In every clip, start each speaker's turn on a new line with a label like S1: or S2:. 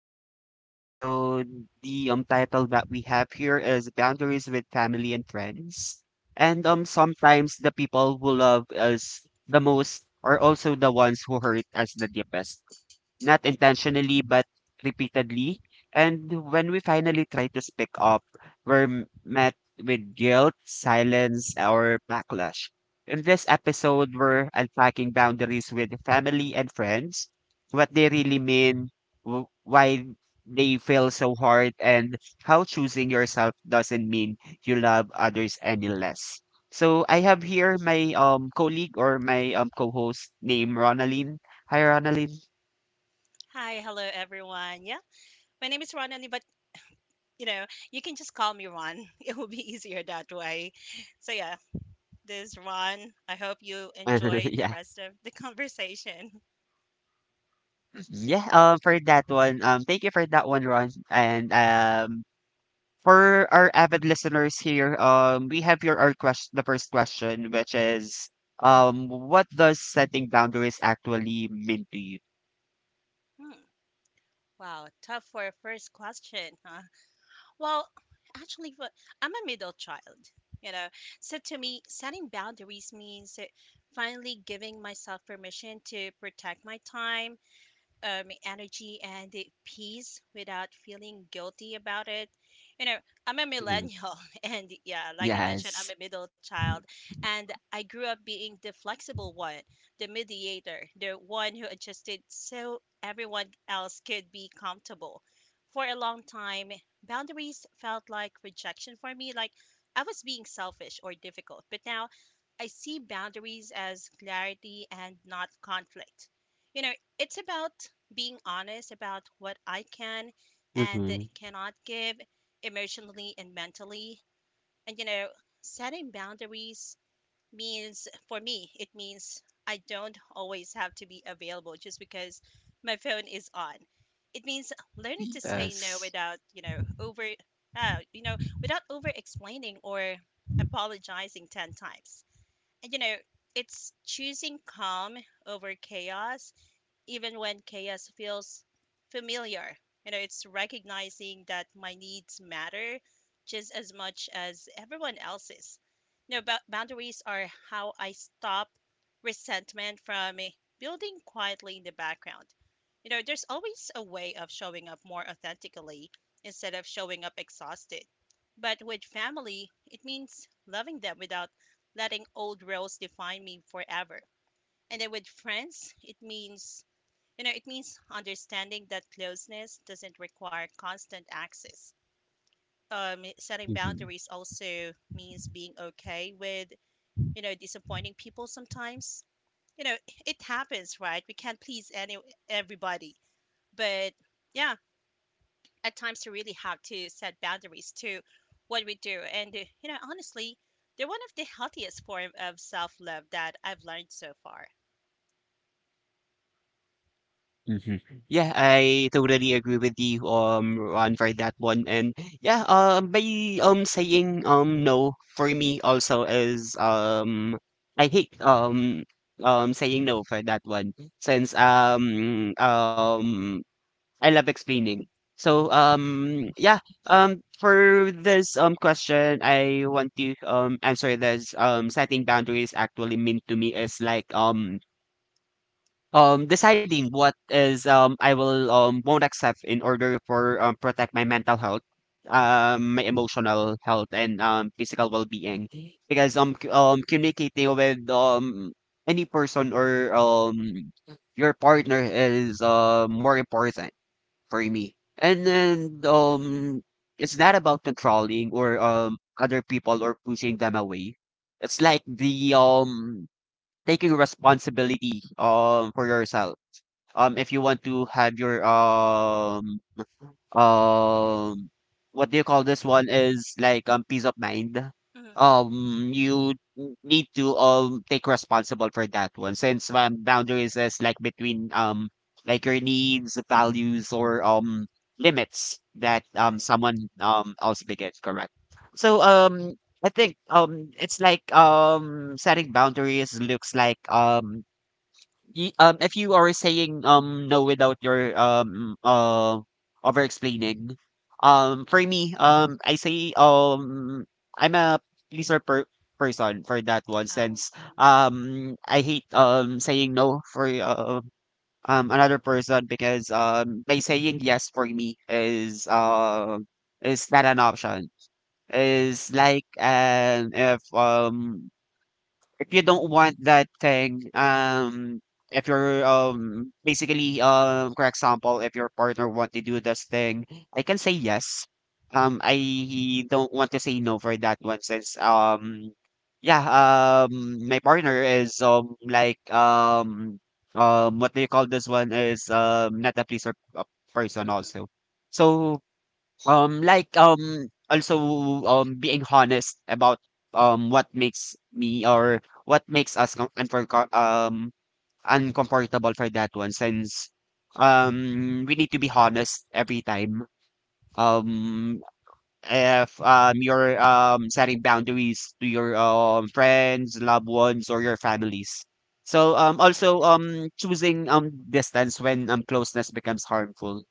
S1: For today's episode, the title that we have here is Boundaries with Family and Friends. And sometimes the people who love us the most are also the ones who hurt us the deepest, not intentionally but repeatedly. And when we finally try to speak up, we're met with guilt, silence, or backlash. In this episode, we're unpacking boundaries with family and friends, what they really mean, why they feel so hard, and how choosing yourself doesn't mean you love others any less. So I have here my colleague or my co-host named Ronaline. Hi, Ronaline.
S2: Hi, hello everyone. Yeah, my name is Ron, but you know, you can just call me Ron. It will be easier that way. So yeah, this is Ron. I hope you enjoyed the
S1: Yeah.
S2: rest of the conversation.
S1: Yeah, for that one, thank you for that one, Ron. And for our avid listeners here, we have your our question, the first question, which is, what does setting boundaries actually mean to you?
S2: Hmm, wow, tough for a first question, huh? Well, actually, I'm a middle child. You know, so to me, setting boundaries means finally giving myself permission to protect my time, energy and the peace without feeling guilty about it. You know, I'm a
S1: Mhm.
S2: millennial, and yeah, like I mentioned, I'm
S1: Yes.
S2: a middle child, and I grew up being the flexible one, the mediator, the one who adjusted so everyone else could be comfortable. For a long time, boundaries felt like rejection for me, like I was being selfish or difficult. But now I see boundaries as clarity and not conflict. You know, it's about being honest about what I can and
S1: Hmm.
S2: cannot give emotionally and mentally. And, you know, setting boundaries means, for me, it means I don't always have to be available just because my phone is on. It means learning to say no
S1: Yes.
S2: without, you know, uh, you know, without over explaining or apologizing 10 times. And, you know, it's choosing calm over chaos even when chaos feels familiar. You know, it's recognizing that my needs matter just as much as everyone else's. You know, boundaries are how I stop resentment from building quietly in the background. You know, there's always a way of showing up more authentically instead of showing up exhausted. But with family, it means loving them without letting old roles define me forever. And then with friends, it means you know, it means understanding that closeness doesn't require constant access. Setting boundaries also means being okay with, you know, disappointing people sometimes. You know, it happens, right? We can't please any everybody, but yeah, at times you really have to set boundaries to what we do. And you know, honestly, they're one of the healthiest form of self love that I've learned so far.
S1: Mhm. Yeah, I totally agree with you, Ron, for that one. And yeah, by saying no for me also is I hate saying no for that one since I love explaining. So yeah, for this question I want to answer this. Setting boundaries actually mean to me is like deciding what is, I will, won't accept in order for protect my mental health, my emotional health and physical well-being, because communicating with any person or your partner is more important for me. And then it's not about controlling or other people or pushing them away. It's like the taking responsibility for yourself, if you want to have your um what do you call this one, is like peace of mind,
S2: Hmm.
S1: you need to take responsible for that one, since boundaries is like between like your needs, values or limits that
S2: Right.
S1: someone else begets, correct. So
S2: Hmm.
S1: I think it's like setting boundaries looks like, if you are saying no without your over explaining, for me I say I'm a pleaser person for that one, since
S2: Mm-hmm.
S1: I hate saying no for another person, because by saying yes for me is not an option, is like, and if you don't want that thing, if you're basically, for example, if your partner want to do this thing, I can say yes. I don't want to say no for that one, since yeah, my partner is like, what do you call this one, is not a pleaser person
S2: Mm-hmm.
S1: also. So like also being honest about what makes me or what makes us uncomfortable for that one, since we need to be honest every time. Um if you're setting boundaries to your friends, loved ones, or your families. So also choosing distance when closeness becomes harmful.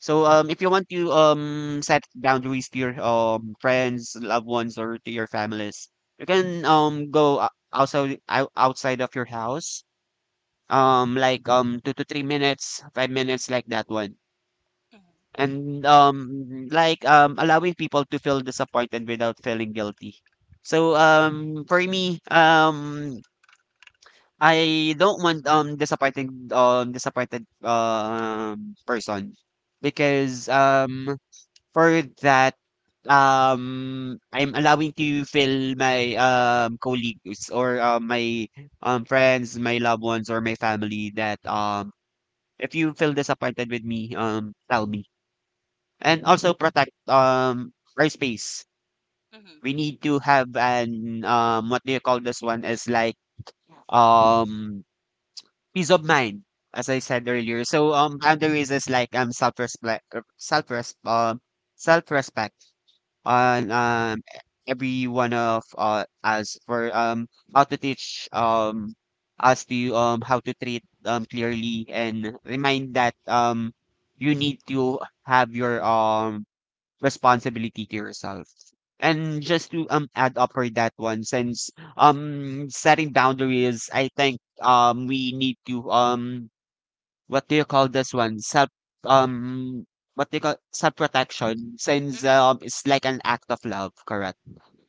S1: So if you want to set boundaries to your friends, loved ones, or to your families, you can go also outside of your house, like 2 to 3 minutes, 5 minutes like that one, and like allowing people to feel disappointed without feeling guilty. So for me I don't want disappointing disappointed person, because for that I'm allowing to feel my colleagues or my friends, my loved ones or my family that if you feel disappointed with me, tell me, and also protect our space.
S2: Mm-hmm.
S1: We need to have an what do you call this one, is like um peace of mind, as I said earlier. So boundaries is like self respect, self res um self respect on every one of us, for how to teach us to how to treat clearly and remind that you need to have your responsibility to yourself. And just to add up for that one, since setting boundaries, I think we need to what do you call this one? Self, um what do you call, self protection, since
S2: Mm-hmm.
S1: it's like an act of love, correct?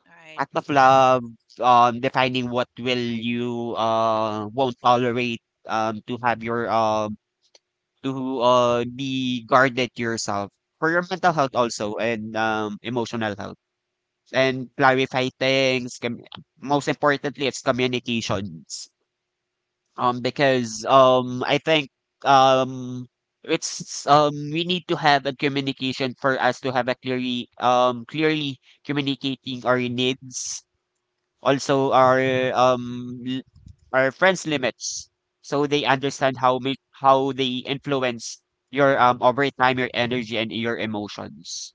S2: Right,
S1: Act of love, defining what will you won't tolerate, to have your to be guarded yourself for your mental health also, and emotional health, and clarify things. Most importantly, it's communications. Because I think, um, it's, we need to have a communication for us to have a clearly, communicating our needs, also um l- our friends' limits, so they understand how they influence your over time, your energy, and your emotions.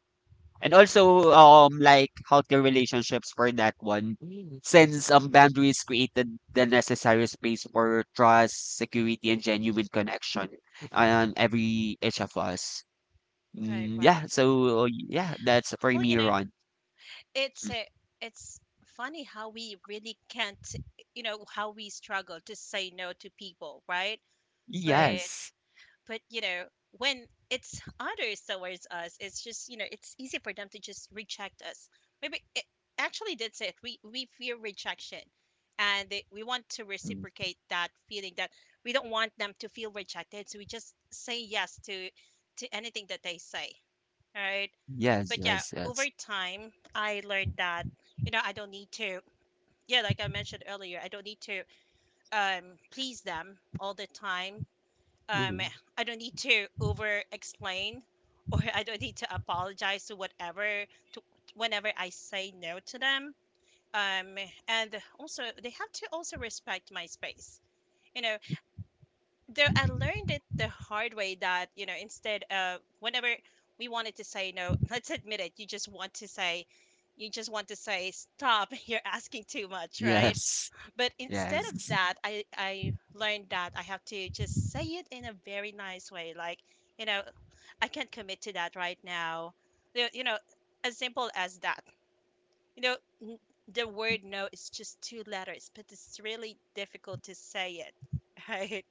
S1: And also, like healthier relationships for that one, since boundaries created the necessary space for trust, security, and genuine connection on
S2: right,
S1: every each of us.
S2: right,
S1: Mm, yeah.
S2: right.
S1: So yeah, that's for
S2: Well,
S1: me,
S2: you know,
S1: Ron.
S2: it's a, it's funny how we really can't, you know, how we struggle to say no to people, right? But,
S1: Yes.
S2: but you know, when it's others towards us, it's just, you know, it's easy for them to just reject us. Maybe it, actually that's it. We fear rejection, and we want to
S1: Mm,
S2: reciprocate that feeling that we don't want them to feel rejected, so we just say yes to anything that they say. Right?
S1: yes.
S2: But yeah,
S1: Yes. Yes.
S2: over time, I learned that, you know, I don't need to, yeah, like I mentioned earlier, I don't need to um, please them all the time. Um,
S1: Mhm.
S2: I don't need to over explain or I don't need to apologize to whatever, to whenever I say no to them. Um, and also, they have to also respect my space. You know, though I learned it the hard way that, you know, instead of whenever we wanted to say no, let's admit it, you just want to say, stop, you're asking too much, right?
S1: Yes.
S2: But instead of
S1: Yes.
S2: that, I learned that I have to just say it in a very nice way. Like, you know, I can't commit to that right now. You know, as simple as that. You know, n- the word no is just two letters, but it's really difficult to say it, right?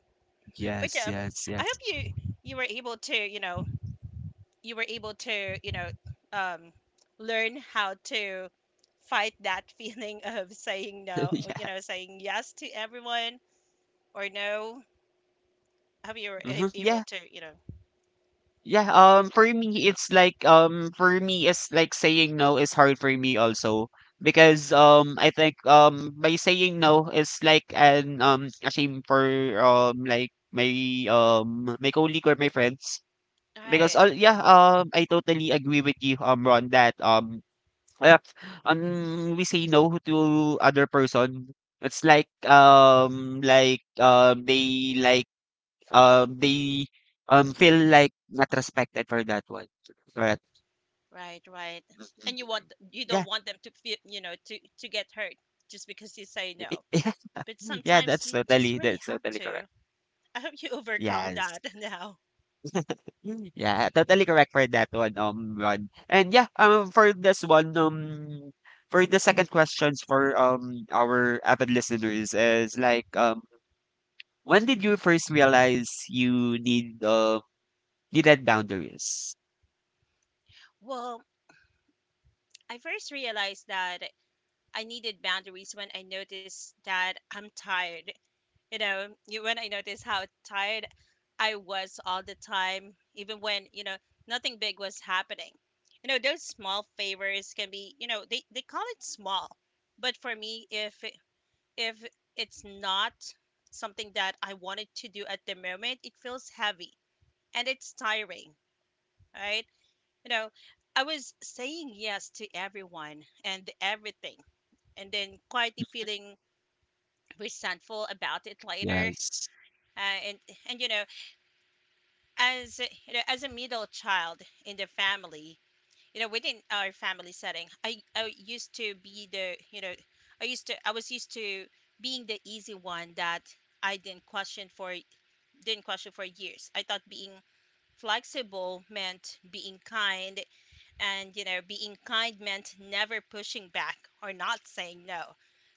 S2: But
S1: Yes.
S2: yeah,
S1: Yes.
S2: I hope
S1: Yes.
S2: you you were able to, you know, you were able to, you know, um, learn how to fight that feeling of saying no, or, you
S1: Yeah.
S2: know, saying yes to everyone or no. I hope you were
S1: Mhm.
S2: able
S1: Yeah.
S2: to, you know,
S1: Yeah, for me, it's like, for me, it's like saying no is hard for me also, because, I think, by saying no is like an, a shame for, like my, my colleague or my friends, because,
S2: right,
S1: all yeah, I totally agree with you, Ron, that, if, we say no to other person, it's like, they like, they, feel like not respected for that one. Correct.
S2: right. And you
S1: Yeah.
S2: don't want them to feel, you know, to get hurt just because you say no.
S1: Yeah.
S2: But
S1: Yeah,
S2: sometimes
S1: that's
S2: you just
S1: totally
S2: really
S1: that's
S2: have
S1: totally
S2: to.
S1: correct.
S2: I hope you overcome
S1: Yes.
S2: that now.
S1: Yeah, totally correct for that one, Ron. And yeah, for this one, for the second questions for our avid listeners is like, when did you first realize you needed boundaries?
S2: Well, I first realized that I needed boundaries when I noticed that I'm tired. You know, when I noticed how tired I was all the time, even when, you know, nothing big was happening. You know, those small favors can be, you know, they call it small. But for me, if it's not something that I wanted to do at the moment, it feels heavy and it's tiring, right? You know, I was saying yes to everyone and everything and then quietly feeling resentful about it later.
S1: Yes.
S2: Uh, and and you know, you know, as a middle child in the family, you know, within our family setting, I used to be the you know, I was used to being the easy one that I didn't question for years. I thought being flexible meant being kind and you know being kind meant never pushing back or not saying no,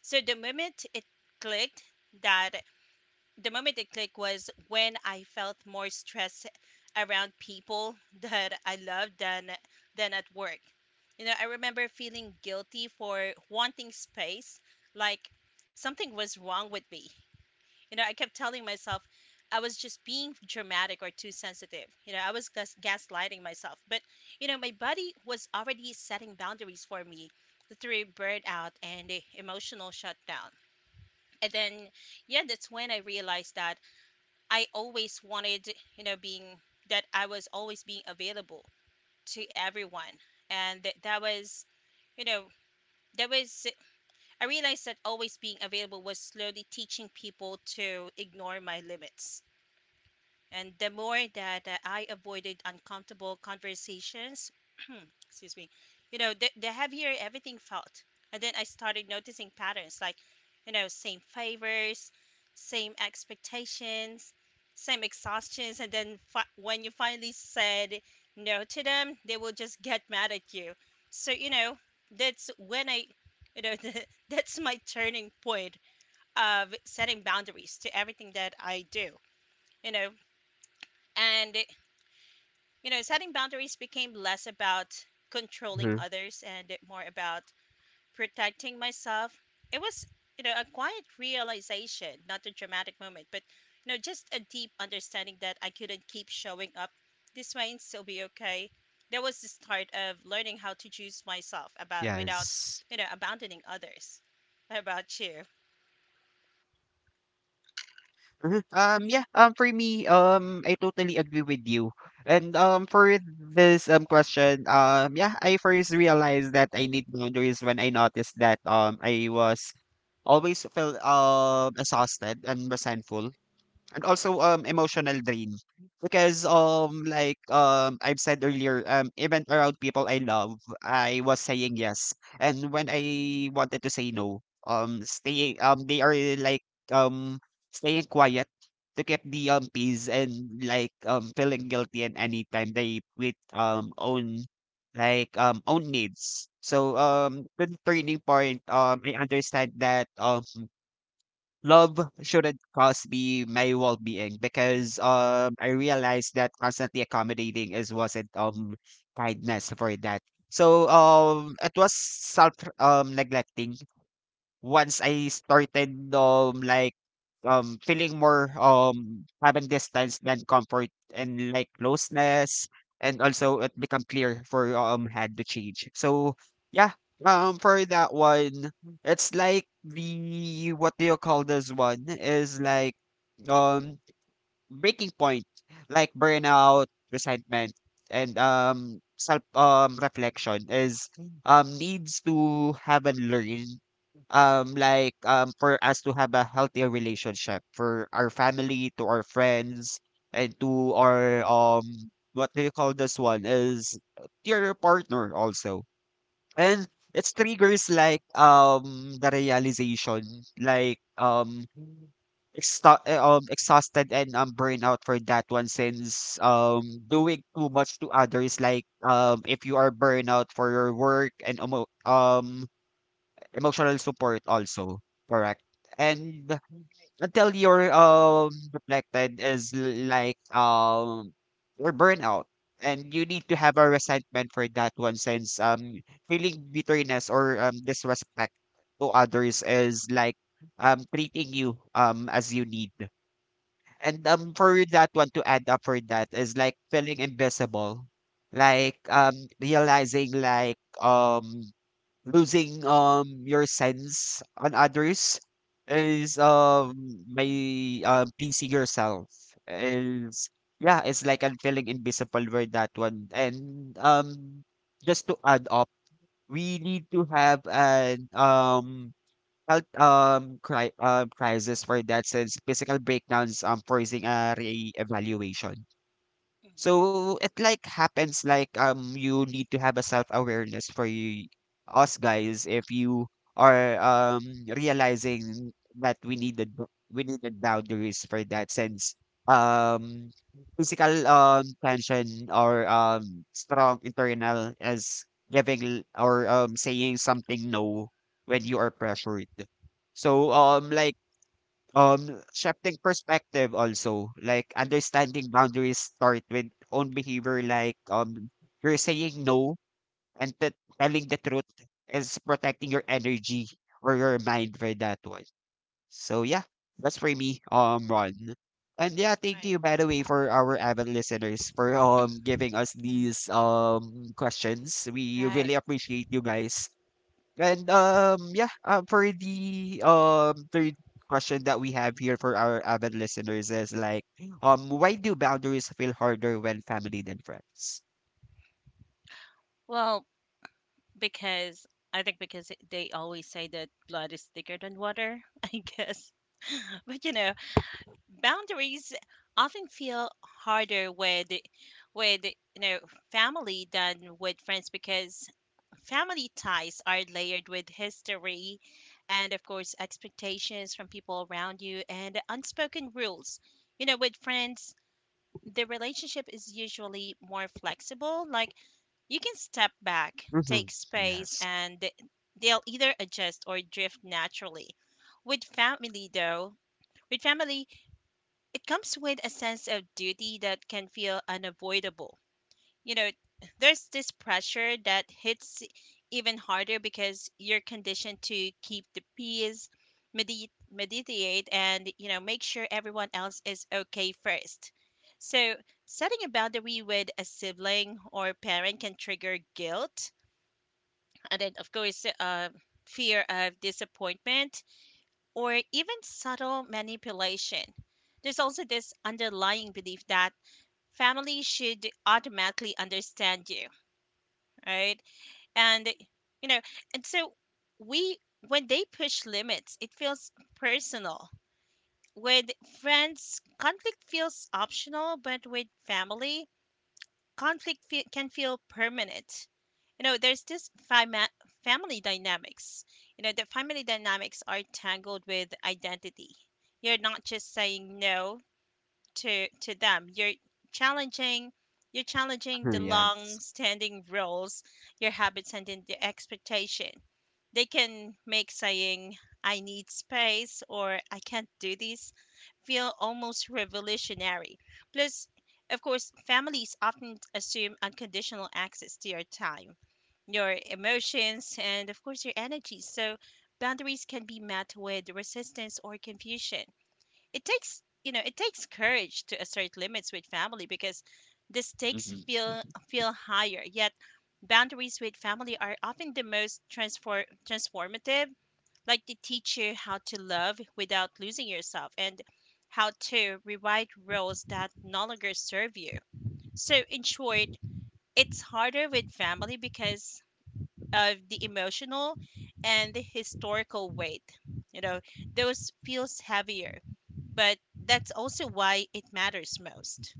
S2: so clicked that the moment it clicked was when I felt more stress around people that I loved than at work. You know, I remember feeling guilty for wanting space, like something was wrong with me. You know, I kept telling myself I was just being dramatic or too sensitive. You know, I was gaslighting myself. But, you know, my body was already setting boundaries for me through burnout and emotional shutdown. And then, yeah, that's when I realized that I always wanted, you know, being that I was always being available to everyone. And th- that was, you know, that was, I realized that always being available was slowly teaching people to ignore my limits. And the more that I avoided uncomfortable conversations, excuse me, you know, the heavier everything felt. And then I started noticing patterns like, you know, same favors, same expectations, same exhaustions. And then when you finally said no to them, they will just get mad at you. So, you know, that's when I, you know, that's my turning point of setting boundaries to everything that I do, you know. And you know, setting boundaries became less about controlling
S1: Mhm.
S2: others and more about protecting myself. It was, you know, a quiet realization, not a dramatic moment, but, you know, just a deep understanding that I couldn't keep showing up this way and still be okay. That was the start of learning how to choose myself about without,
S1: Yes.
S2: you know, abandoning others. How about you?
S1: Mhm. Yeah, for me, I totally agree with you. And for this question, yeah, I first realized that I need boundaries when I noticed that I was always felt exhausted and resentful, and also emotional drain, because like I've said earlier, even around people I love, I was saying yes, and when I wanted to say no, stay, they are like um staying quiet to keep the peace, and like feeling guilty, and anytime they with own, like own needs. So the turning point, I understand that love shouldn't cost me my well-being, because I realized that constantly accommodating is wasn't kindness for that. So it was self neglecting, once I started like feeling more having distance than comfort and like closeness, and also it become clear for had to change. So yeah, for that one, it's like the what do you call this one, is like um breaking point, like burnout, resentment, and self reflection is needs to have and learn, like for us to have a healthier relationship for our family, to our friends, and to our what do you call this one, is to your partner also. And
S2: Mhm,
S1: it's triggers like the realization, like exhausted and burnout for that one, since doing too much to others, like if you are burnout for your work, and um emotional support also, correct. And until you're reflected is like or burnout, and you need to have a resentment for that one, since feeling bitterness or disrespect to others is like treating you as you need. And for that one, to add up for that is like feeling invisible, like realizing like um losing your sense on others is my pleasing yourself is, yeah, it's like I'm feeling invisible with that one. And just to add up, we need to have an health crisis for that, since physical breakdowns, forcing a re-evaluation.
S2: mhm,
S1: So it like happens, like you need to have a self-awareness, for you, us guys, if you are realizing that we needed boundaries for that, since um physical tension or strong internal is giving or saying something no when you are pressured. So um like shifting perspective, also like
S2: mhm.
S1: understanding boundaries start with own behavior, like you're saying no and telling the truth is protecting your energy or your mind for that one. So yeah, that's for me, Ron. And yeah, thank
S2: Right,
S1: you by the way for our avid listeners for giving us these questions. We
S2: right.
S1: really appreciate you guys. And for the third question that we have here for our avid listeners is like, why do boundaries feel harder when family than friends?
S2: Well, because I think because they always say that blood is thicker than water, I guess. But you know, boundaries often feel harder with you know family than with friends because family ties are layered with history and of course expectations from people around you and unspoken rules. You know, with friends the relationship is usually more flexible. Like you can step back, take
S1: Mm-hmm.
S2: space,
S1: Yes.
S2: and they'll either adjust or drift naturally. With family, though, with family, it comes with a sense of duty that can feel unavoidable. You know, there's this pressure that hits even harder because you're conditioned to keep the peace, meditate, and, you know, make sure everyone else is okay first. So, setting a boundary with a sibling or parent can trigger guilt, and then, of course, fear of disappointment or even subtle manipulation. There's also this underlying belief that family should automatically understand you, right? and eh, you know and So we, when they push limits it feels personal. With friends conflict feels optional, but with family conflict can feel permanent. You know, there's this family dynamics, you know, the family dynamics are tangled with identity. You're not just saying no to them, challenging you're challenging
S1: Mhm,
S2: the long
S1: yes.
S2: standing roles, your habits and then the expectation. They can make saying I need space or I can't do this feel almost revolutionary. Plus, of course, families often assume unconditional access to your time, your emotions, and of course, your energy. So, boundaries can be met with resistance or confusion. It takes it takes courage to assert limits with family because the stakes
S1: Hmm.
S2: feel higher, yet boundaries with family are often the most transformative, like they teach you how to love without losing yourself and how to rewrite roles that no longer serve you. So in short, it's harder with family because of the emotional and the historical weight. You know, those feels heavier, but that's also why it matters most.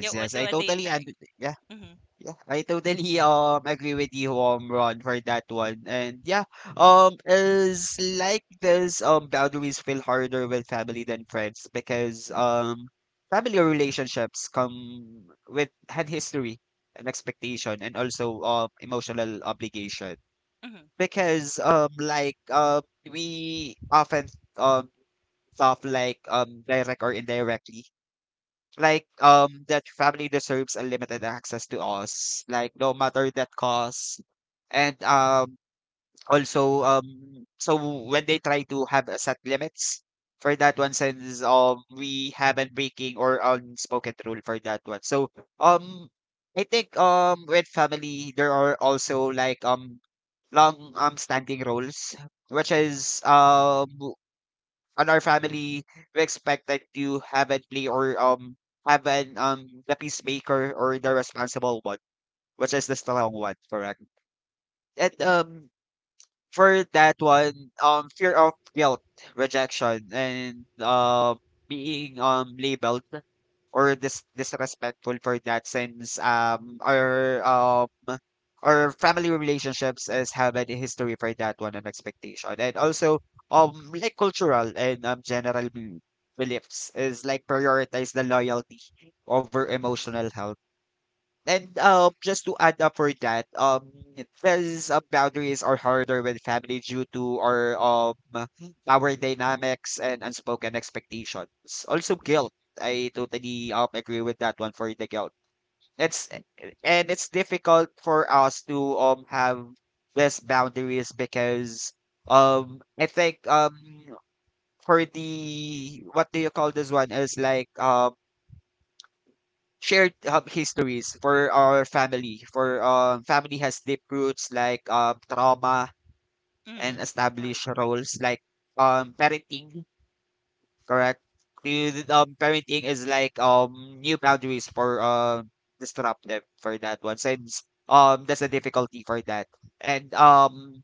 S2: Yeah,
S1: yes, I
S2: what do you
S1: totally
S2: think?
S1: understand.
S2: Mm-hmm,
S1: Yeah, I totally agree with you, Ron, for that one. And yeah, is like this, boundaries feel harder with family than friends because family relationships come with had history and expectation and also emotional obligation.
S2: mm-hmm,
S1: Because we often um stuff like direct or indirectly like that family deserves unlimited access to us, like no matter that cost. And also So when they try to have a set limits for that one, since we haven't breaking or unspoken rule for that one. So um I think, with family there are also like, long standing rules, which is on our family, we expect that you haven't play or haven't the peacemaker or the responsible one, which is the strong one, correct? And For that one, fear of guilt, rejection, and being labeled or disrespectful, for that since our family relationships is have a history for that one and expectation, and also like cultural and general beliefs is like prioritize the loyalty over emotional health. And just to add up for that, these, boundaries are harder with family due to our dynamics and unspoken expectations. Also, guilt. I totally agree with that one for the guilt. It's it's difficult for us to have these boundaries because I think, for the what do you call this one, is like shared, histories for our family. For family has deep roots like, trauma and
S2: mm-hmm. Right,
S1: established roles like, parenting, correct? Parenting is like new boundaries for disrupt them for that one, since that's a difficulty for that. And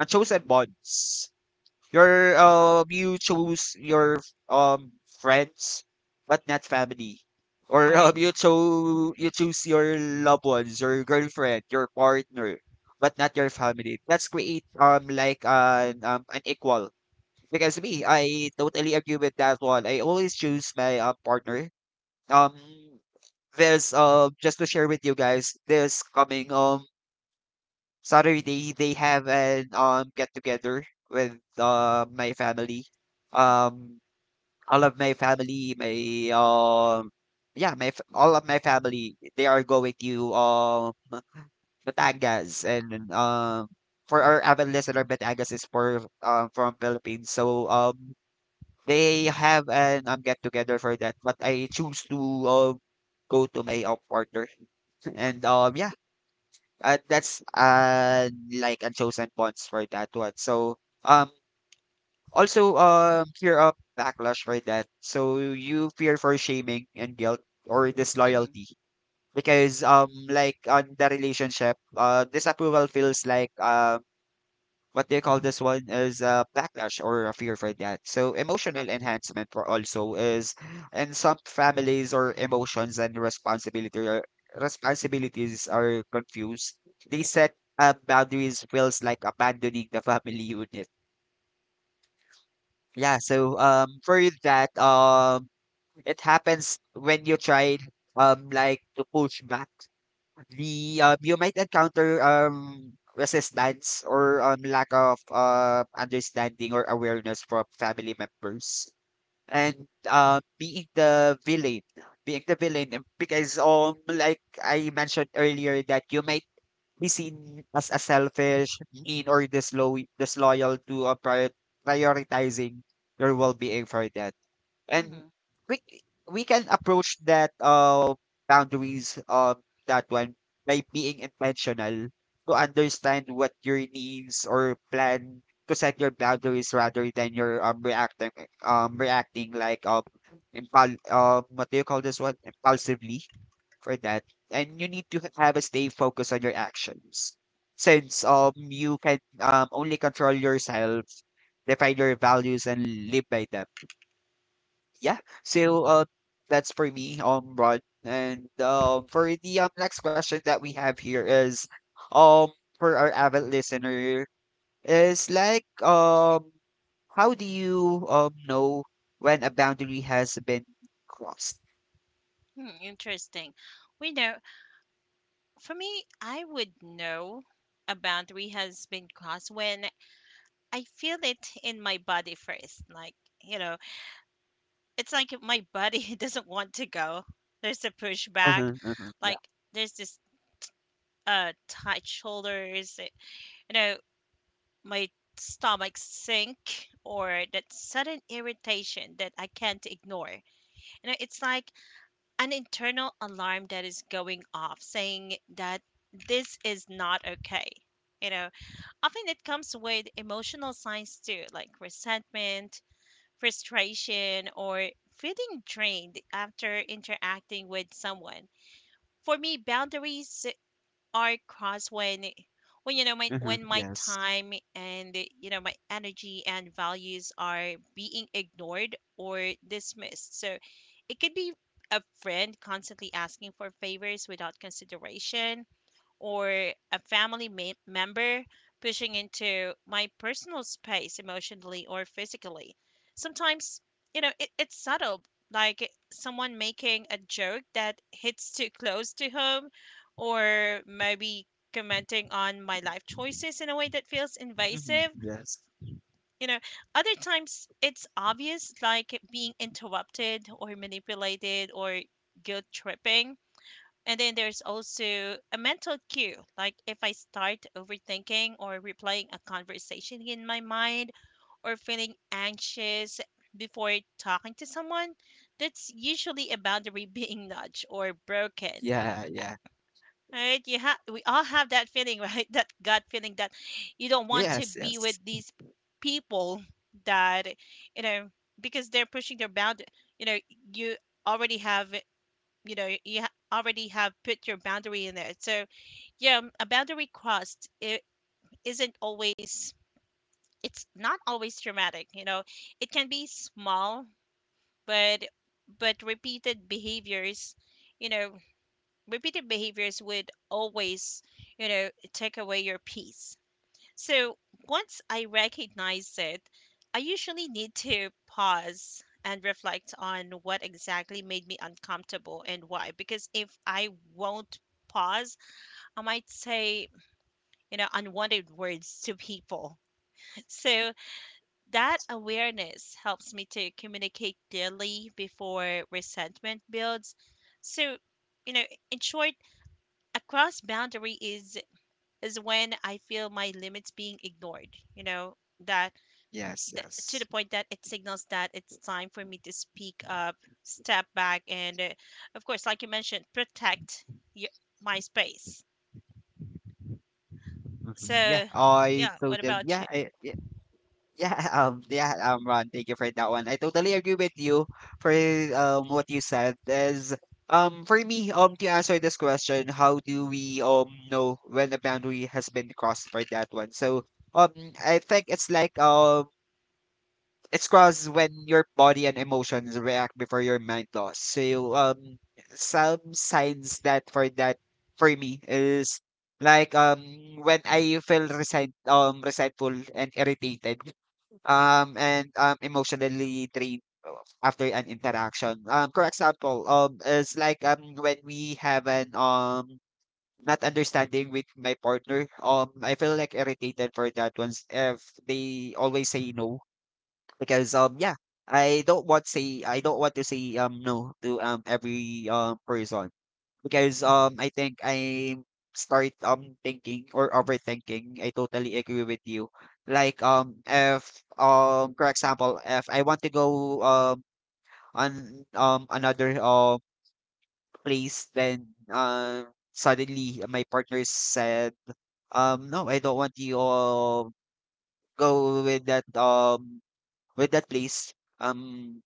S1: unchosen bonds, you chose your um friends but not family. Or
S2: right.
S1: you choose your loved ones, your girlfriend, your partner, but not your family. That's create like an equal. Because me, I totally agree with that one. I always choose my partner. Um there's Just to share with you guys, this coming Saturday they have an get together with my family.
S2: Mm-hmm,
S1: Um all of my family, my um yeah, my all of my family, they are going to Batangas. And for our avid listener, Batangas is for from Philippines. So they have an get together for that, but I choose to um go to my, partner. and yeah that's like unchosen bonds for that one. So um also fear of backlash for that. So you fear for shaming and guilt or
S2: mm-hmm,
S1: disloyalty, because like on the relationship, disapproval feels like, what do you call this one, is a backlash or a fear for that. So emotional enhancement for also is in some families, or emotions and responsibility responsibilities are confused. They set, boundaries feels like abandoning the family unit. Yeah, so for that, it happens when you try like to push back. The, you might encounter, resistance or, lack of, understanding or awareness from family members. And, being the villain, being the villain, because, like I mentioned earlier, that you might be seen as a selfish, mean, or disloyal to, uh, prioritizing your well-being for them. And
S2: mm-hmm.
S1: we we can approach that, boundaries of that one, by being intentional to understand what your needs or plan, to set your boundaries rather than your reacting, um reacting like um what do you call this one, impulsively for that. And you need to have a stay focused on your actions, since you can only control yourself, define your values and live by them. Yeah. So that's for me, Rod. And for the next question that we have here is um for our avid listener, is like, how do you know when a boundary has been crossed?
S2: Hmm, interesting. We know. For me, I would know a boundary has been crossed when I feel it in my body first, like you know it's like if my buddy doesn't want to go. There's a pushback.
S1: Uh-huh, uh-huh, yeah.
S2: Like there's this tight shoulders, you know, my stomach sink or that sudden irritation that I can't ignore. You know, it's like an internal alarm that is going off saying that this is not okay. You know, Often it comes with emotional signs too, like resentment, frustration, or feeling drained after interacting with someone. For me, boundaries are crossed
S1: Uh-huh,
S2: when my
S1: yes.
S2: time and my energy and values are being ignored or dismissed. So it could be a friend constantly asking for favors without consideration, or a family member pushing into my personal space emotionally or physically. Sometimes, it's subtle, like someone making a joke that hits too close to home, or maybe commenting on my life choices in a way that feels
S1: Hmm,
S2: invasive.
S1: yes.
S2: You know, other times it's obvious, like being interrupted or manipulated or guilt tripping. And then there's also a mental cue. Like if I start overthinking or replaying a conversation in my mind or feeling anxious before talking to someone, that's usually a boundary being nudged or broken.
S1: Yeah, yeah.
S2: Right? You have We all have that feeling, right? That gut feeling that you don't want to
S1: Yes,
S2: be with
S1: yes.
S2: these people, that you know because they're pushing their boundary. You know, you already have you already have put your boundary in there. So yeah, a boundary crossed it isn't always it's not always dramatic, you know. It can be small, but repeated behaviors, you know, repeated behaviors would always, you know, take away your peace. So, once I recognize it, I usually need to pause and reflect on what exactly made me uncomfortable and why, because if I won't pause, I might say, you know, unwanted words to people. So that awareness helps me to communicate clearly before resentment builds. So, you know, in short, a cross boundary is when I feel my limits being ignored, you know, that
S1: Yes,
S2: to the
S1: yes.
S2: point that it signals that it's time for me to speak up, step back, and of course, like you mentioned, protect your, my space.
S1: Hmm. yeah
S2: So,
S1: I
S2: yeah, what
S1: totally
S2: about
S1: yeah
S2: you?
S1: I, Yeah, Ron, thank you for that one. I totally agree with you for what you said. Is for me to answer this question, how do we know when a boundary has been crossed for that one? So um I think it's like it's crossed when your body and emotions react before your mind does. So some signs that for that, for me, is like when I feel resentful and irritated, and emotionally drained, after an interaction. For example, is like when we have an not understanding with my partner. I feel like irritated for that ones, if they always say no, because yeah. I don't want to say no to every person, because I think I start thinking or overthinking. I totally agree with you. Like if, for example, if I want to go on another place, then suddenly my partner said, no, I don't want you go with that, with that place. um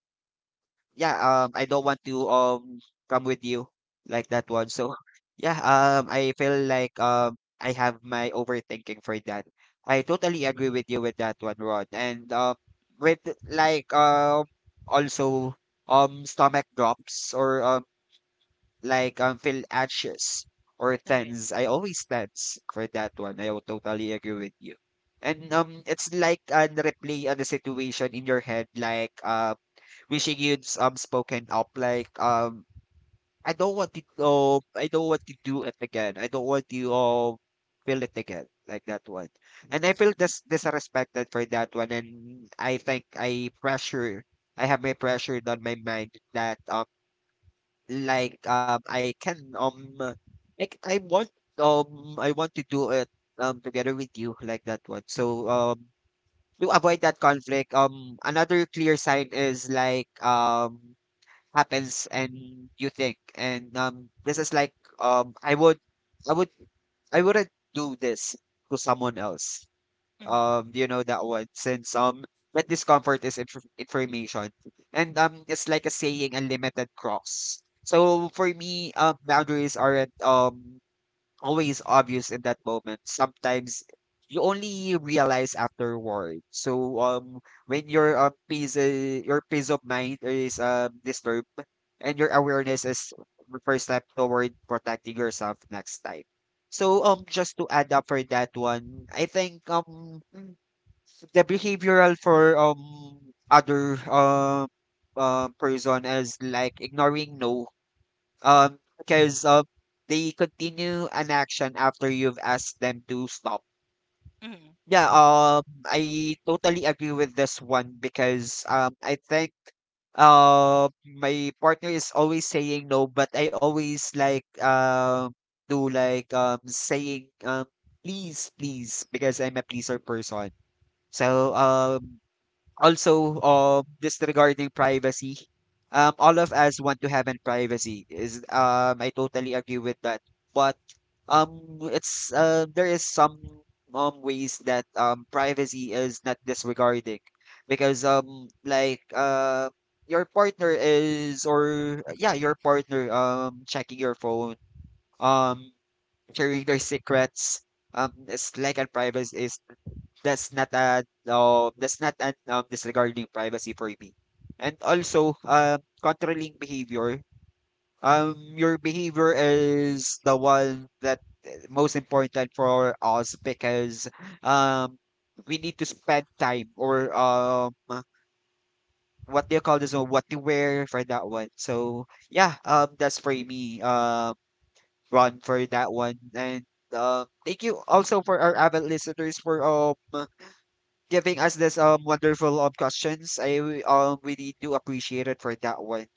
S1: yeah, I don't want to come with you, like that one. So yeah, I feel like I have my overthinking for that. I totally agree with you with that one, Rod. And with like also stomach drops or like feel anxious or
S2: All right.
S1: tense. I always tense for that one. I would totally agree with you. And it's like, replay on the situation in your head, like wishing you'd spoken up, like I don't want to do it again. I don't want you feel it again, like that one. And I feel this disrespected for that one, and I think I have my pressure on my mind that like I can like I want, I want to do it together with you, like that one. So to avoid that conflict, another clear sign is like happens and you think, and this is like um i would I wouldn't do this to someone else,
S2: Mm-hmm.
S1: you know that one, since that discomfort is information, and it's like a saying a limited cross. So for me, boundaries aren't always obvious in that moment. Sometimes you only realize afterward. So when your, peace, your peace of mind is disturbed, and your awareness is the first step toward protecting yourself next time. So just to add up for that one, I think the behavioral for other person is like ignoring no, because they continue an action after you've asked them to stop.
S2: Mm-hmm.
S1: Yeah, I totally agree with this one, because I think, my partner is always saying no, but I always like do like saying please, please, because I'm a pleaser person. So also disregarding privacy, all of us want to have an privacy, is I totally agree with that. But um it's there is some ways that privacy is not disregarding, because like, your partner is or yeah, your partner checking your phone, um sharing their secrets, it's like a privacy is, that's not a, that's not an disregarding privacy for me. And also, controlling behavior. Your behavior is the one that, most important for us, because, um, we need to spend time or, what do you call this one? What to wear for that one. So yeah, that's for me. Run for that one. And thank you also for our avid listeners for giving us this wonderful questions. I really do appreciate it for that one.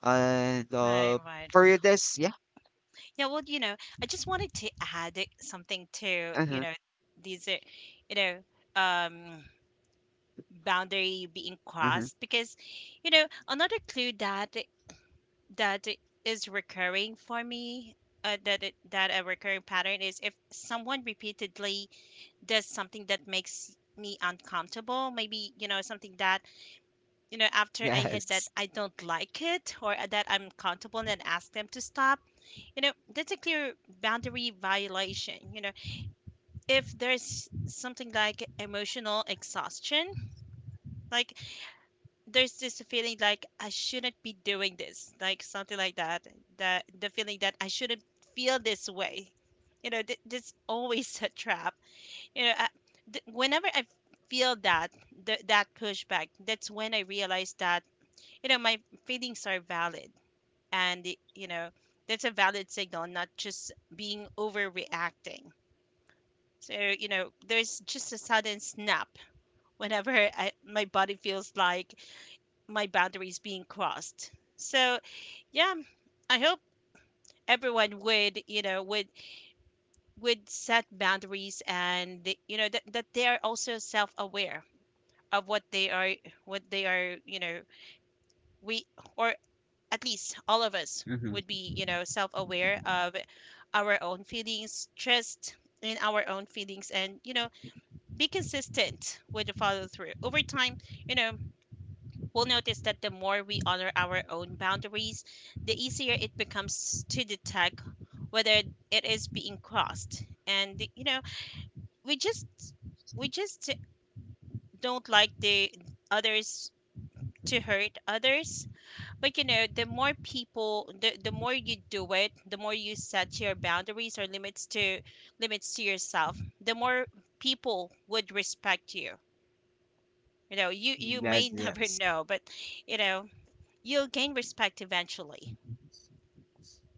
S1: And
S2: Right, right.
S1: for this, yeah.
S2: Yeah, well, you know, I just wanted to add something to, you
S1: Uh-huh.
S2: know, these, you know, um, boundary being
S1: Uh-huh.
S2: crossed, because, you know, another clue that is recurring for me, that a recurring pattern is if someone repeatedly does something that makes me uncomfortable, maybe, you know, something that, you know, after I hit that
S1: Yes.
S2: I don't like it or that I'm comfortable, and then ask them to stop, you know, that's a clear boundary violation. You know, if there's something like emotional exhaustion, like there's this feeling like I shouldn't be doing this, like something like that, that the feeling that I shouldn't feel this way. You know, this always a trap. You know, I, Whenever I feel that pushback, that's when I realize that, you know, my feelings are valid and you know that's a valid signal, not just being overreacting. So you know there's just a sudden snap whenever my body feels like my boundaries being crossed. So yeah, I hope everyone would, you know, would set boundaries, and you know that they are also self-aware of what they are, what they are you know we or at least all of us
S1: Mm-hmm.
S2: would be, you know, self aware of our own feelings, trust in our own feelings, and, you know, be consistent with the follow through. Over time, you know, we'll notice that the more we honor our own boundaries, the easier it becomes to detect whether it is being crossed. And, you know, we just we just don't like the others to hurt others. But you know, the more you do it, the more you set your boundaries or limits to yourself, the more people would respect you. You know, you may
S1: Yes,
S2: never
S1: yes.
S2: know, but you know, you'll gain respect eventually.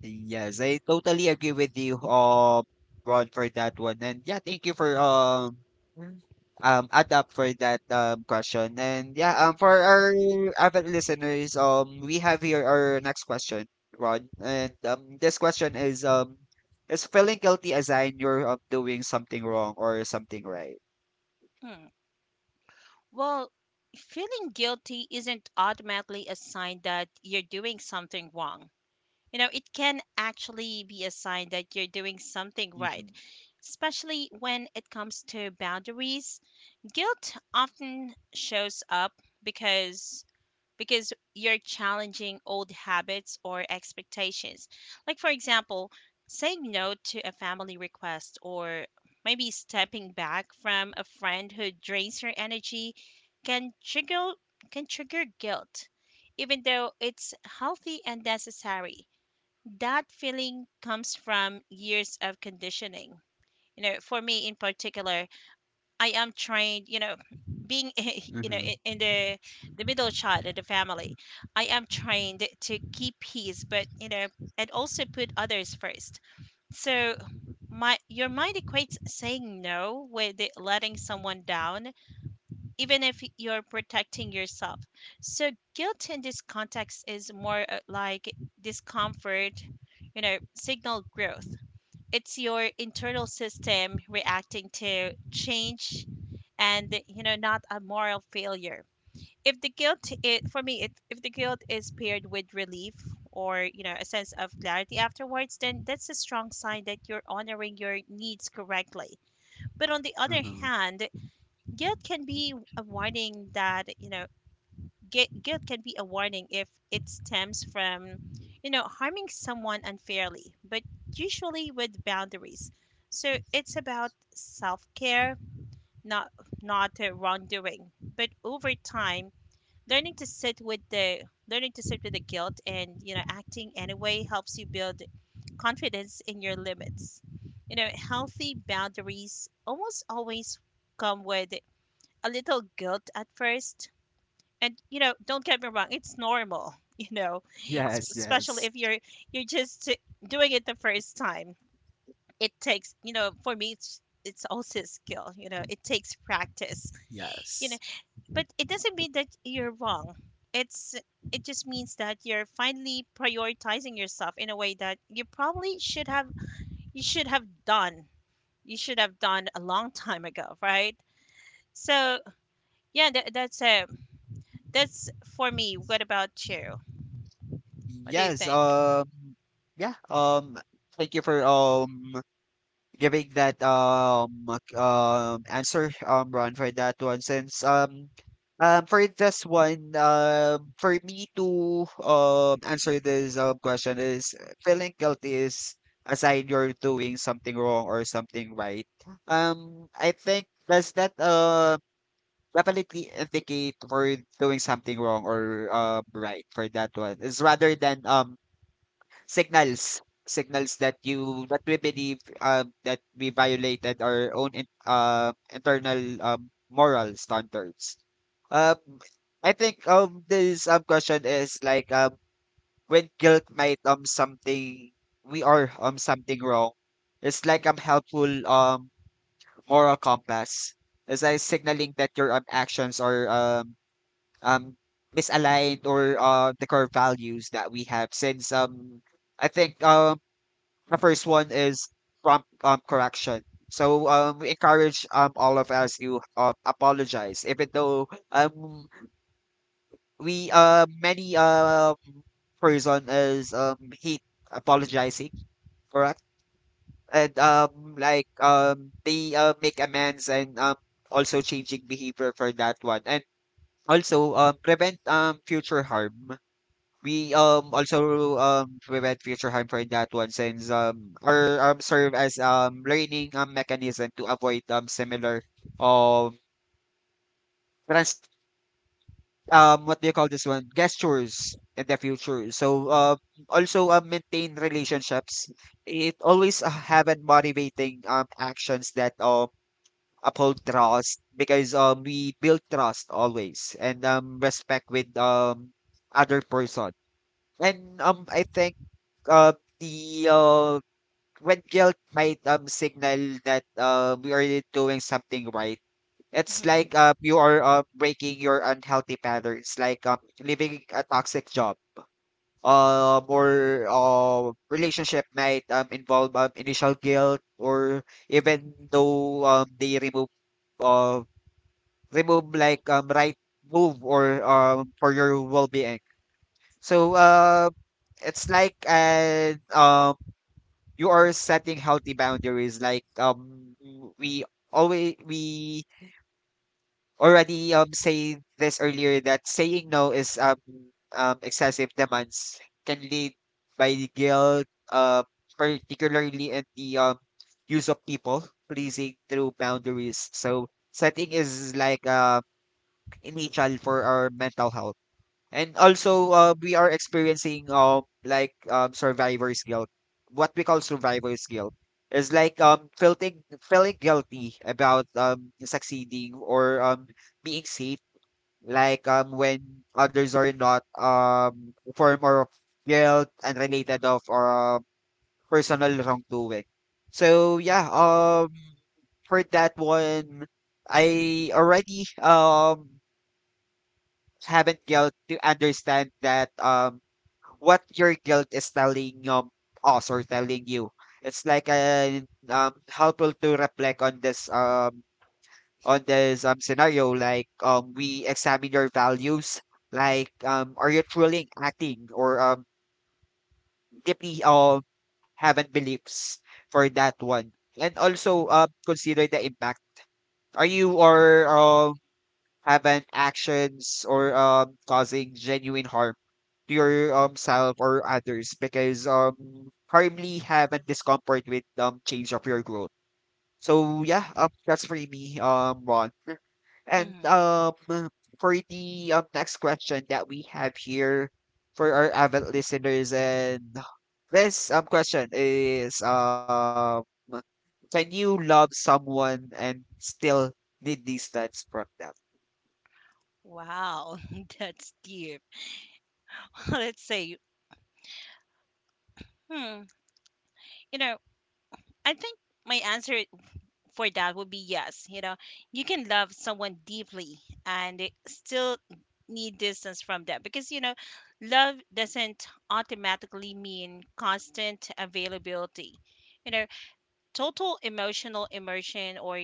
S1: Yes, I totally agree with you, Ron, for that one. And yeah, thank you for Mm. Add up for that question. And yeah, for our avid listeners, we have here our next question, Ron. And this question is, is feeling guilty a sign you're, doing something wrong or something right?
S2: Hmm. Well, feeling guilty isn't automatically a sign that you're doing something wrong. You know, it can actually be a sign that you're doing something right,
S1: Mm-hmm.
S2: especially when it comes to boundaries. Guilt often shows up because because you're challenging old habits or expectations. Like for example, saying no to a family request, or maybe stepping back from a friend who drains your energy, can trigger guilt, even though it's healthy and necessary. That feeling comes from years of conditioning. You know, for me in particular, I am trained, you know, being you know
S1: Mm-hmm.
S2: in the middle child of the family, I am trained to keep peace, but you know, and also put others first. So my your mind equates saying no with it letting someone down, even if you're protecting yourself. So guilt in this context is more like discomfort, you know, signal growth. It's your internal system reacting to change, and you know, not a moral failure. If the guilt it for me it, If the guilt is paired with relief or, you know, a sense of clarity afterwards, then that's a strong sign that you're honoring your needs correctly. But on the other
S1: Mm-hmm.
S2: hand, guilt can be a warning that, guilt can be a warning if it stems from, you know, harming someone unfairly, but usually with boundaries. So it's about self-care, not wrongdoing. But over time, learning to sit with the learning to sit with the guilt, and you know, acting anyway helps you build confidence in your limits. You know, healthy boundaries almost always come with a little guilt at first, and you know, don't get me wrong, it's normal. You know,
S1: Yes,
S2: especially
S1: yes.
S2: if you're just doing it the first time. It takes, you know, for me, it's also a skill, you know. It takes practice, you know,
S1: Yes.
S2: but it doesn't mean that you're wrong. it's it just means that you're finally prioritizing yourself in a way that you probably should have you should have done done a long time ago, right? So yeah, that's a that's for me. What about you? What do you
S1: Yes.
S2: think?
S1: Yeah. Thank you for giving that answer, Ron, for that one. Since For this one, for me to answer this question is feeling guilty is aside you're doing something wrong or something right. I think does that definitely indicate for doing something wrong or right for that one is rather than signals, signals that you that we believe that we violated our own internal, moral standards. Um i think um this question is like when guilt might something we are something wrong. It's like helpful moral compass. It's like signaling that your actions are um misaligned or the core values that we have. Since I think the first one is prompt, correction. So, we encourage, all of us to, apologize, even though, we many person is, hate apologizing, correct? And, they make amends, and, also changing behavior for that one, and also, prevent, future harm. We also prevent future harm for that one, since or serve as learning mechanism to avoid similar, um trans what do you call this one, gestures in the future. So also maintain relationships. It always have and motivating actions that uphold trust, because we build trust always and respect with other person. And I think, uh, the when guilt might signal that, we are doing something right. It's
S2: Mhm,
S1: like, you are, breaking your unhealthy patterns, like, leaving a toxic job. Or relationship might, involve, initial guilt, or even though, they remove, uh, right move or, for your well-being. So, it's like an, you are setting healthy boundaries, like we always we already say this earlier that saying no is excessive demands can lead by the guilt, uh particularly in the use of people pleasing through boundaries. So setting is like initial for our mental health. And also, we are experiencing survivor's guilt. What we call survivor's guilt is like um feeling guilty about succeeding or being safe. Like when others are not form or of guilt and related of or personal wrongdoing. So yeah, for that one, I already haven't guilt to understand that what your guilt is telling us or telling you. It's like a helpful to reflect on this, scenario. Like we examine your values. Like are you truly acting or deeply having beliefs for that one. And also consider the impact. Are you or haven't actions or causing genuine harm to your self or others, because hardly haven't discomfort with change of your growth. So yeah, that's for me, Ron. And
S2: mhm.
S1: for the next question that we have here for our avid listeners, and this question is, can you love someone and still need distance from them?
S2: Wow, that's deep. Let's say, hmm, you know, I think my answer for that would be yes. You know, you can love someone deeply and it still need distance from them, because, you know, love doesn't automatically mean constant availability. You know, total emotional immersion, or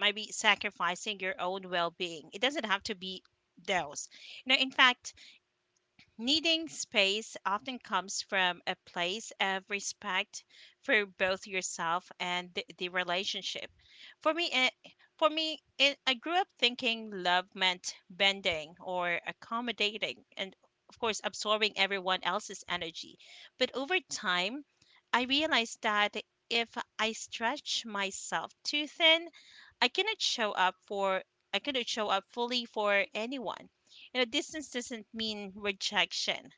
S2: maybe sacrificing your own well being. It doesn't have to be those. You know, in fact, needing space often comes from a place of respect for both yourself and the relationship. For me, eh, for me, I grew up thinking love meant bending or accommodating, and of course, absorbing everyone else's energy. But over time, I realized that if I stretch myself too thin, I cannot show up for I cannot show up fully for anyone. You know, distance doesn't mean rejection.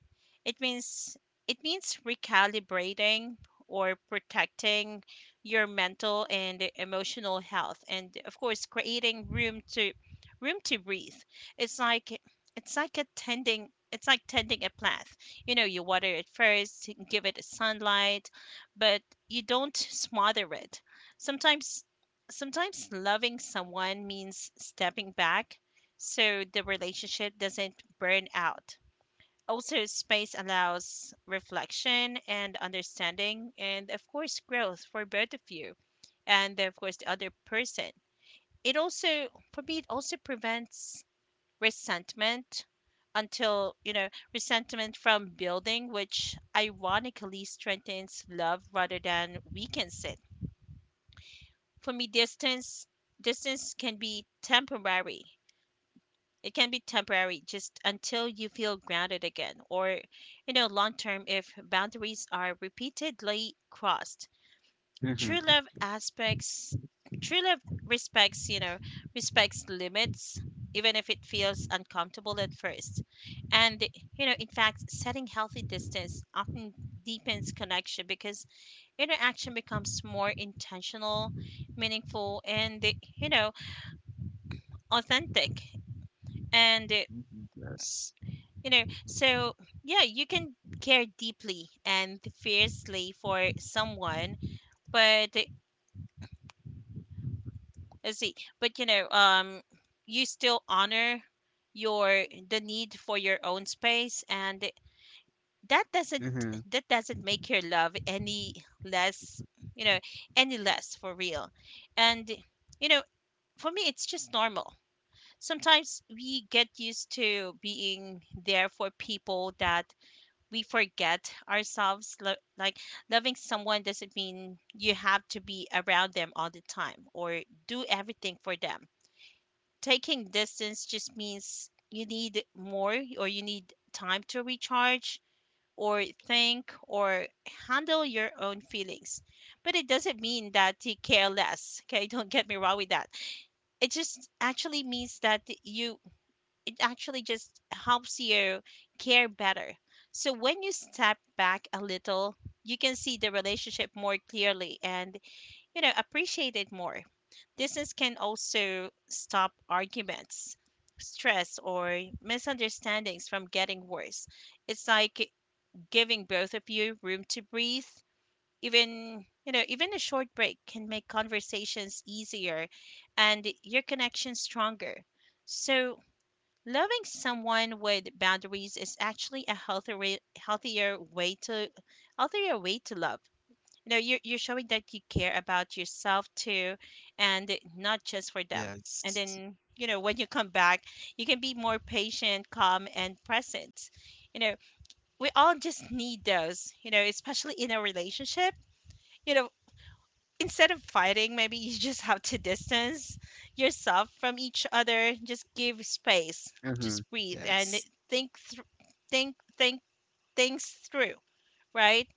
S2: It means recalibrating, or protecting your mental and emotional health, and of course creating room to breathe. It's like it's like attending it's like tending a plant. You know, you water it first, give it sunlight, but you don't smother it. Sometimes loving someone means stepping back so the relationship doesn't burn out. Also, space allows reflection and understanding, and of course, growth for both of you, and, of course, the other person. It also, for me, it also prevents resentment until, you know, resentment from building, which ironically strengthens love rather than weakens it. For me, distance can be temporary. It can be temporary just until you feel grounded again, or you know, long term if boundaries are repeatedly crossed. true love aspects True love respects, you know, respects limits, even if it feels uncomfortable at first. And you know, in fact, setting healthy distance often deepens connection because interaction becomes more intentional, meaningful, and you know, authentic. And eh,
S1: Mhm. Yes.
S2: you know, so yeah, you can care deeply and fiercely for someone, but let's see, you know, you still honor your the need for your own space, and that doesn't
S1: Mhm.
S2: make your love any less, you know, any less for real. And eh, you know, for me, it's just normal. Sometimes we get used to being there for people that we forget ourselves. Like, loving someone doesn't mean you have to be around them all the time, or do everything for them. Taking distance just means you need more, or you need time to recharge, or think, or handle your own feelings. But it doesn't mean that you care less. Okay, don't get me wrong with that. It just actually means that you actually just helps you care better. So when you step back a little, you can see the relationship more clearly and, you know, appreciate it more. Distance can also stop arguments, stress, or misunderstandings from getting worse. It's like giving both of you room to breathe. Even, even a short break can make conversations easier and your connection stronger. So, Loving someone with boundaries is actually a healthier way to love. You know, you're showing that you care about yourself too, and not just for them. And
S1: Yes.
S2: then, you know, when you come back, you can be more patient, calm, and present. You know, we all just need those. You know, especially in a relationship. You know, instead of fighting, maybe you just have to distance yourself from each other. Just give space.
S1: Mhm.
S2: Just breathe and
S1: Yes.
S2: think, thr think things through. Right?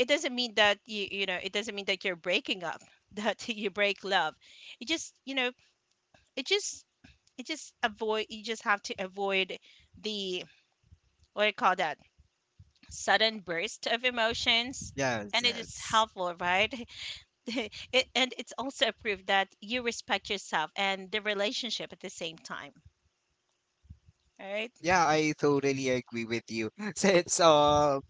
S2: It doesn't mean that it doesn't mean that you're breaking up, that you break love. It just you know it just it just avoid. You just have to avoid the what do you call that sudden burst of emotions,
S1: Yes,
S2: and it is
S1: yes.
S2: helpful, right? And it's also a proof that you respect yourself and the relationship at the same time. All right?
S1: Yeah, I totally agree with you. Since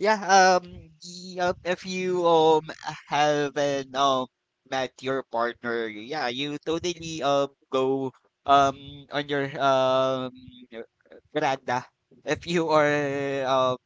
S1: Yeah, yeah, if you haven't met your partner, yeah, you totally go um on your uh, veranda. If you are um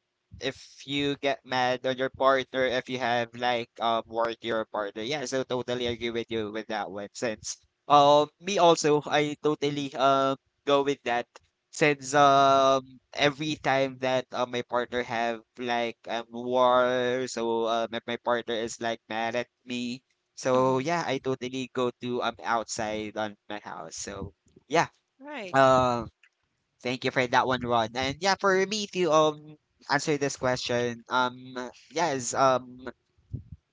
S1: if you get mad on your partner, if you have like word to your partner, yeah, so totally agree with you with that one. Since Me also, I totally go with that, since every time that my partner have like war, so if my partner is like mad at me, so
S2: Mm-hmm.
S1: yeah, I totally go to outside on my house. So yeah,
S2: Right.
S1: um thank you for that one, Ron. And yeah, for me to answer this question, yes,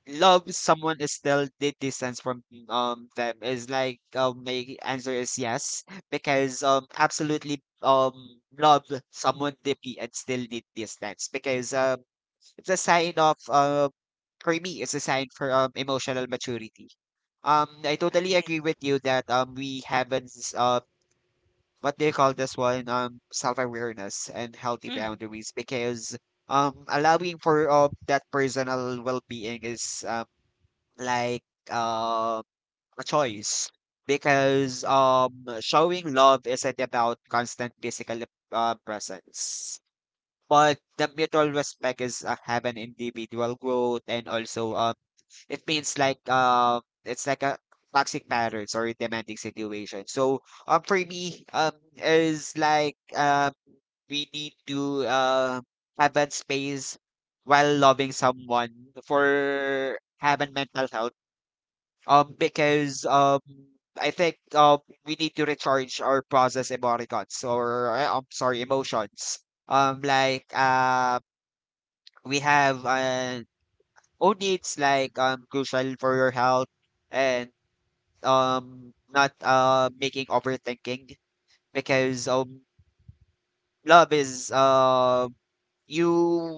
S1: love someone is still the distance from them is like my answer is yes, because absolutely love someone deeply and still the distance, because it's a sign of for me, it's a sign for emotional maturity. I totally
S2: Right.
S1: agree with you that we haven't s- what do you call this one, self awareness and healthy
S2: Mm.
S1: boundaries, because allowing for that personal well being is like um a choice, because showing love isn't about constant physical, presence, but the mutual respect is have an individual growth, and also it means like it's like a toxic patterns or demanding situation. So for me is like, we need to have that space while loving someone, for having mental health, because, I think we need to recharge or process emoticons, or I'm sorry, emotions. Like, we have, own needs, like crucial for your health, and not making overthinking, because love is, you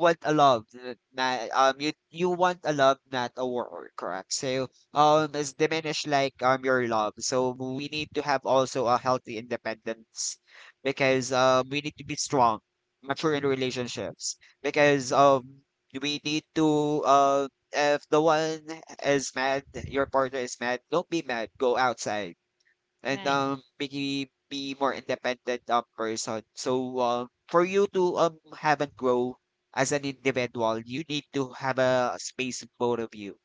S1: want a love, n- na you want a love, not a war, correct? So it's diminished like your love, so we need to have also a healthy independence, because we need to be strong, mature in relationships, because we need to, if the one is mad, your partner is mad, don't be mad, go outside, and
S2: Right.
S1: making me more independent person. So for you to have and grow as an individual, you need to have a space, both of you.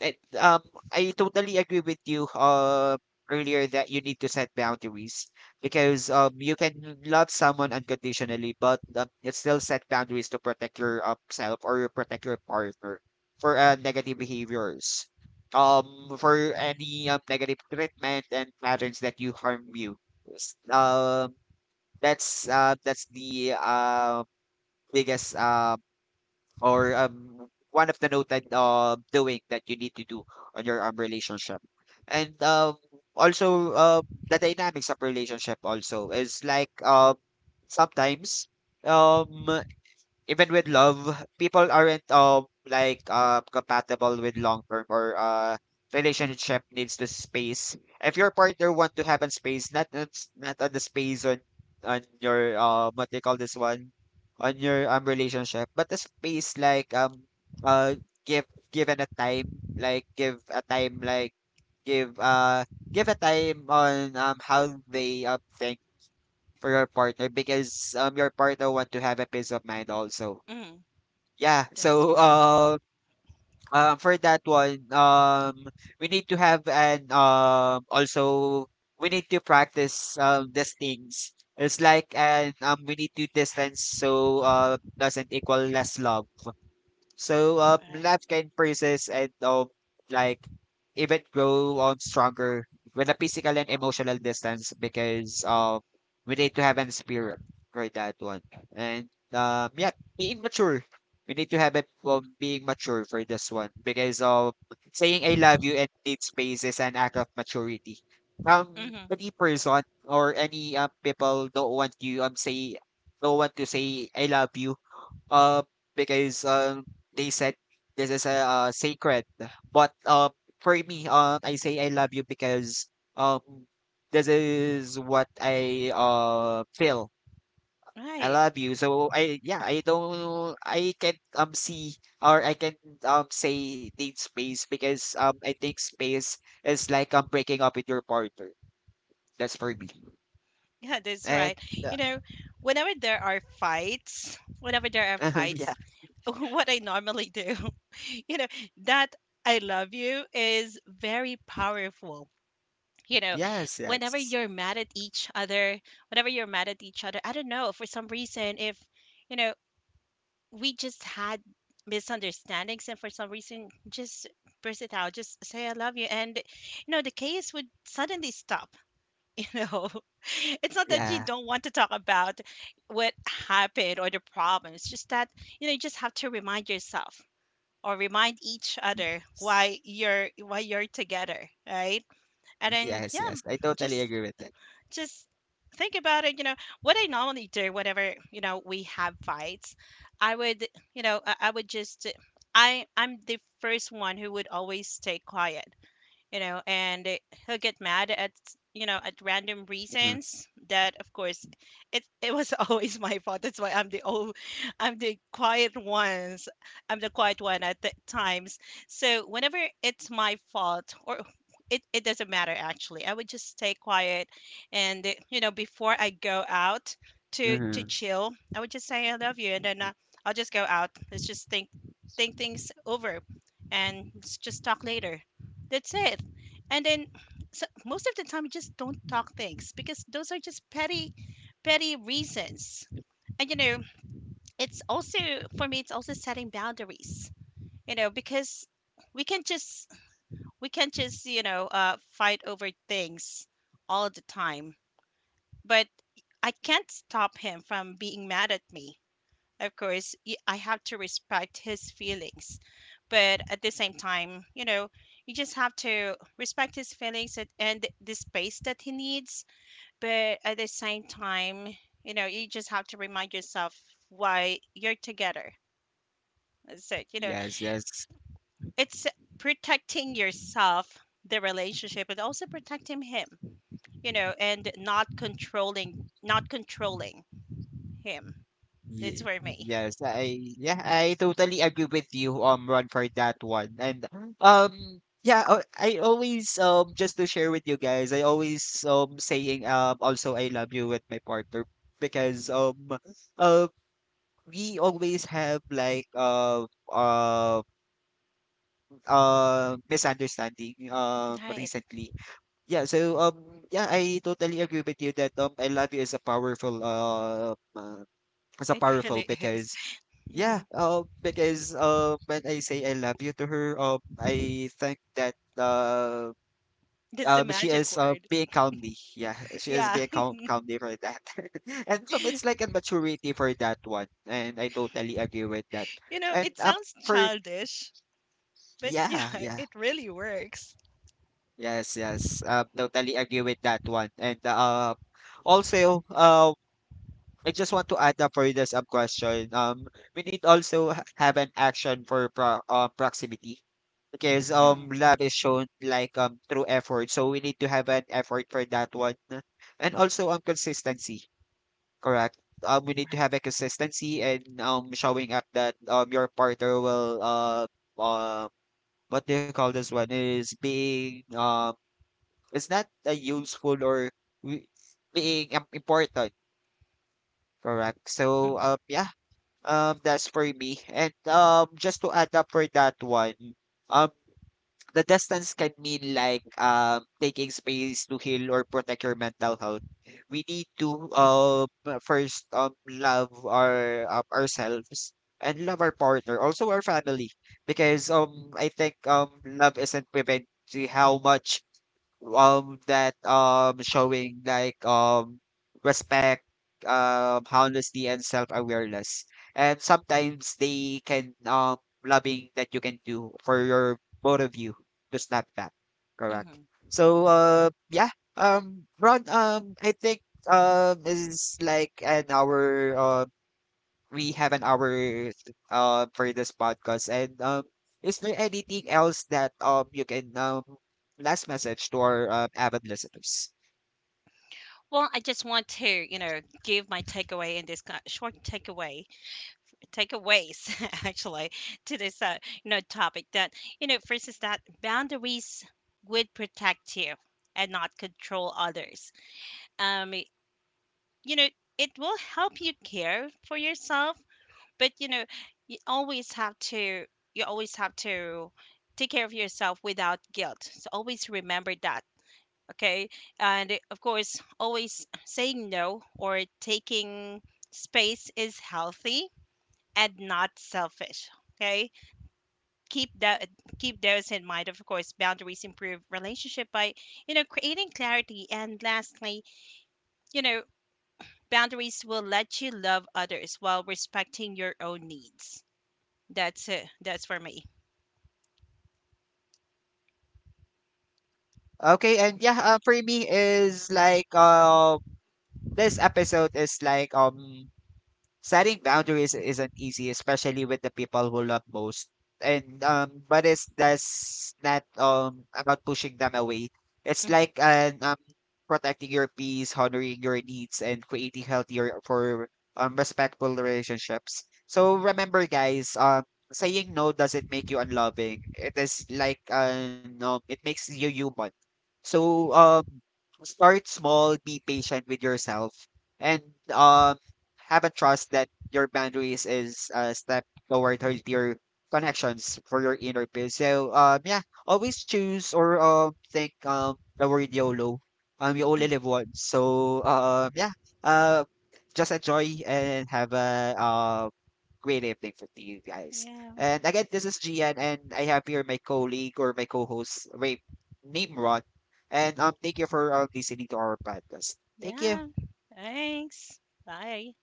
S1: And, I totally agree with you earlier that you need to set boundaries, because you can love someone unconditionally, but, it's still set boundaries to protect your self or your protect your partner for, negative behaviors, for any, negative treatment and patterns that you harm you. S- Um, that's the, biggest, one of the noted, doing that you need to do on your, relationship. And, the dynamics of relationship also is like, sometimes, um even with love, people aren't compatible with long term, or relationship needs to space. If your partner want to have a space, not on the space on your what they call this one on your relationship, but a space like uh give given a time, like give a time, like give give a time on how they think for your partner, because your partner want to have a peace of mind also.
S2: Mm.
S1: Yeah,
S2: That's
S1: so,
S2: true.
S1: for that one, we need to have an, also we need to practice, these things. It's like, and we need to distance, so, doesn't equal less love. So love
S2: Right.
S1: can persist, and like even grow stronger with a physical and emotional distance, because we need to have an spirit for that one. And yeah, being mature. We need to have it, being mature for this one, because saying I love you and need space is an act of maturity.
S2: Mm-hmm.
S1: Any person or any people don't want you say, don't want to say I love you, uh because they said this is a, sacred, but for me, I say I love you because um this is what I feel. I
S2: Right.
S1: love you, so I yeah, I don't I can see or I can say need space, because I think space is like breaking up with your partner. That's for me.
S2: Yeah, that's
S1: And
S2: right.
S1: uh,
S2: You know, whenever there are fights,
S1: yeah
S2: what I normally do, you know, that I love you is very powerful, you know,
S1: yes
S2: whenever
S1: yes
S2: you're mad at each other, I don't know, for some reason, if, you know, we just had misunderstandings and for some reason just burst it out, just say I love you. And, you know, the chaos would suddenly stop, you know. It's not that you
S1: yeah.
S2: don't want to talk about what happened or the problem. It's just that, you know, you just have to remind yourself or remind each other why you're together, right? And then
S1: Yes,
S2: yeah,
S1: yes. I totally
S2: just
S1: agree with that.
S2: just think about it, you know, what I normally do whenever, you know, we have fights, I would, I would just I'm the first one who would always stay quiet, you know, and he'll get mad at, you know, at random
S1: Mhm,
S2: reasons that of course it was always my fault. That's why I'm the quiet one at the times. So whenever it's my fault or it doesn't matter, actually, I would just stay quiet and you know, before I go out to
S1: mhm.
S2: chill, I would just say I love you, and then I'll just go out. Let's just think things over, and just talk later. That's it. And then so most of the time you just don't talk things, because those are just petty reasons. And you know, it's also, for me, it's also setting boundaries, you know, because we can't just we can't just, you know, fight over things all the time. But I can't stop him from being mad at me. Of course, I have to respect his feelings. But at the same time, you know, you just have to respect his feelings and the space that he needs. But at the same time, you know, you just have to remind yourself why you're together. That's it. You know,
S1: Yes, yes.
S2: it's protecting yourself, the relationship, but also protecting him, you know, and not controlling him. That's
S1: Ye
S2: for me.
S1: Yes, I totally agree with you, Ron, for that one. And um yeah, I always, just to share with you guys, I always saying also I love you with my partner, because uh we always have like misunderstanding
S2: Right.
S1: recently. Yeah, so yeah, I totally agree with you that I love you is a powerful, as a
S2: It
S1: powerful,
S2: really is.
S1: because yeah, because when I say I love you to her, I think that
S2: That's a
S1: she
S2: magic
S1: is
S2: word.
S1: being calmly, yeah. She is
S2: Yeah.
S1: being calmly for that. And so it's like a maturity for that one, and I totally agree with that.
S2: You know,
S1: And
S2: it sounds
S1: for
S2: childish, but yeah,
S1: yeah, yeah.
S2: it really works.
S1: Yes, yes, totally agree with that one. And also I just want to add up for the sub question. We need also have an action for proximity, because
S2: Mm,
S1: love is shown like through effort. So we need to have an effort for that one, and also consistency. Correct. We need to
S2: right.
S1: have a consistency, and showing up that your partner will uh what do you call this one, is being it's not a useful, or we- being, important. Correct. So
S2: Hmm.
S1: yeah. That's for me. And just to add up for that one, um, the distance can mean like taking space to heal or protect your mental health. We need to first love our, ourselves and love our partner, also our family, because I think love isn't prevent to how much that showing like respect, honesty and self-awareness, and sometimes they can loving that you can do for your both of you to snap back, correct?
S2: Hmm.
S1: So yeah, Ron, I think is like an hour, we have an hour, for this podcast. And is there anything else that you can, last message to our, avid listeners?
S2: Well, I just want to, you know, give my takeaway in this short takeaways actually to this, you know, topic that, you know, first is that boundaries would protect you and not control others. Um, you know, it will help you care for yourself, but you know, you always have to you always have to take care of yourself without guilt. So always remember that. Okay. And eh, of course, always saying no or taking space is healthy and not selfish. Okay. Keep that. Keep those in mind. Of course, boundaries improve relationship by, you know, creating clarity. And lastly, you know, boundaries will let you love others while respecting your own needs. That's it. That's for me.
S1: Okay, and yeah, for me is like this episode is like setting boundaries isn't easy, especially with the people who love most. And but it's that's not about pushing them away. It's
S2: Mhm.
S1: like an protecting your peace, honoring your needs, and creating healthier for respectful relationships. So remember, guys, saying no doesn't make you unloving. It is like no, it makes you human. So start small, be patient with yourself, and um have a trust that your boundaries is a step toward healthier connections for your inner peace. So yeah, always choose or think the word YOLO. You only live once. So yeah. Uh just enjoy and have a great evening for you guys.
S2: Yeah.
S1: And again, this is Gian, and I have here my colleague, or my co host, Ray Nimrod. And thank you for listening to our podcast. Thank you.
S2: Yeah. Thanks. Bye.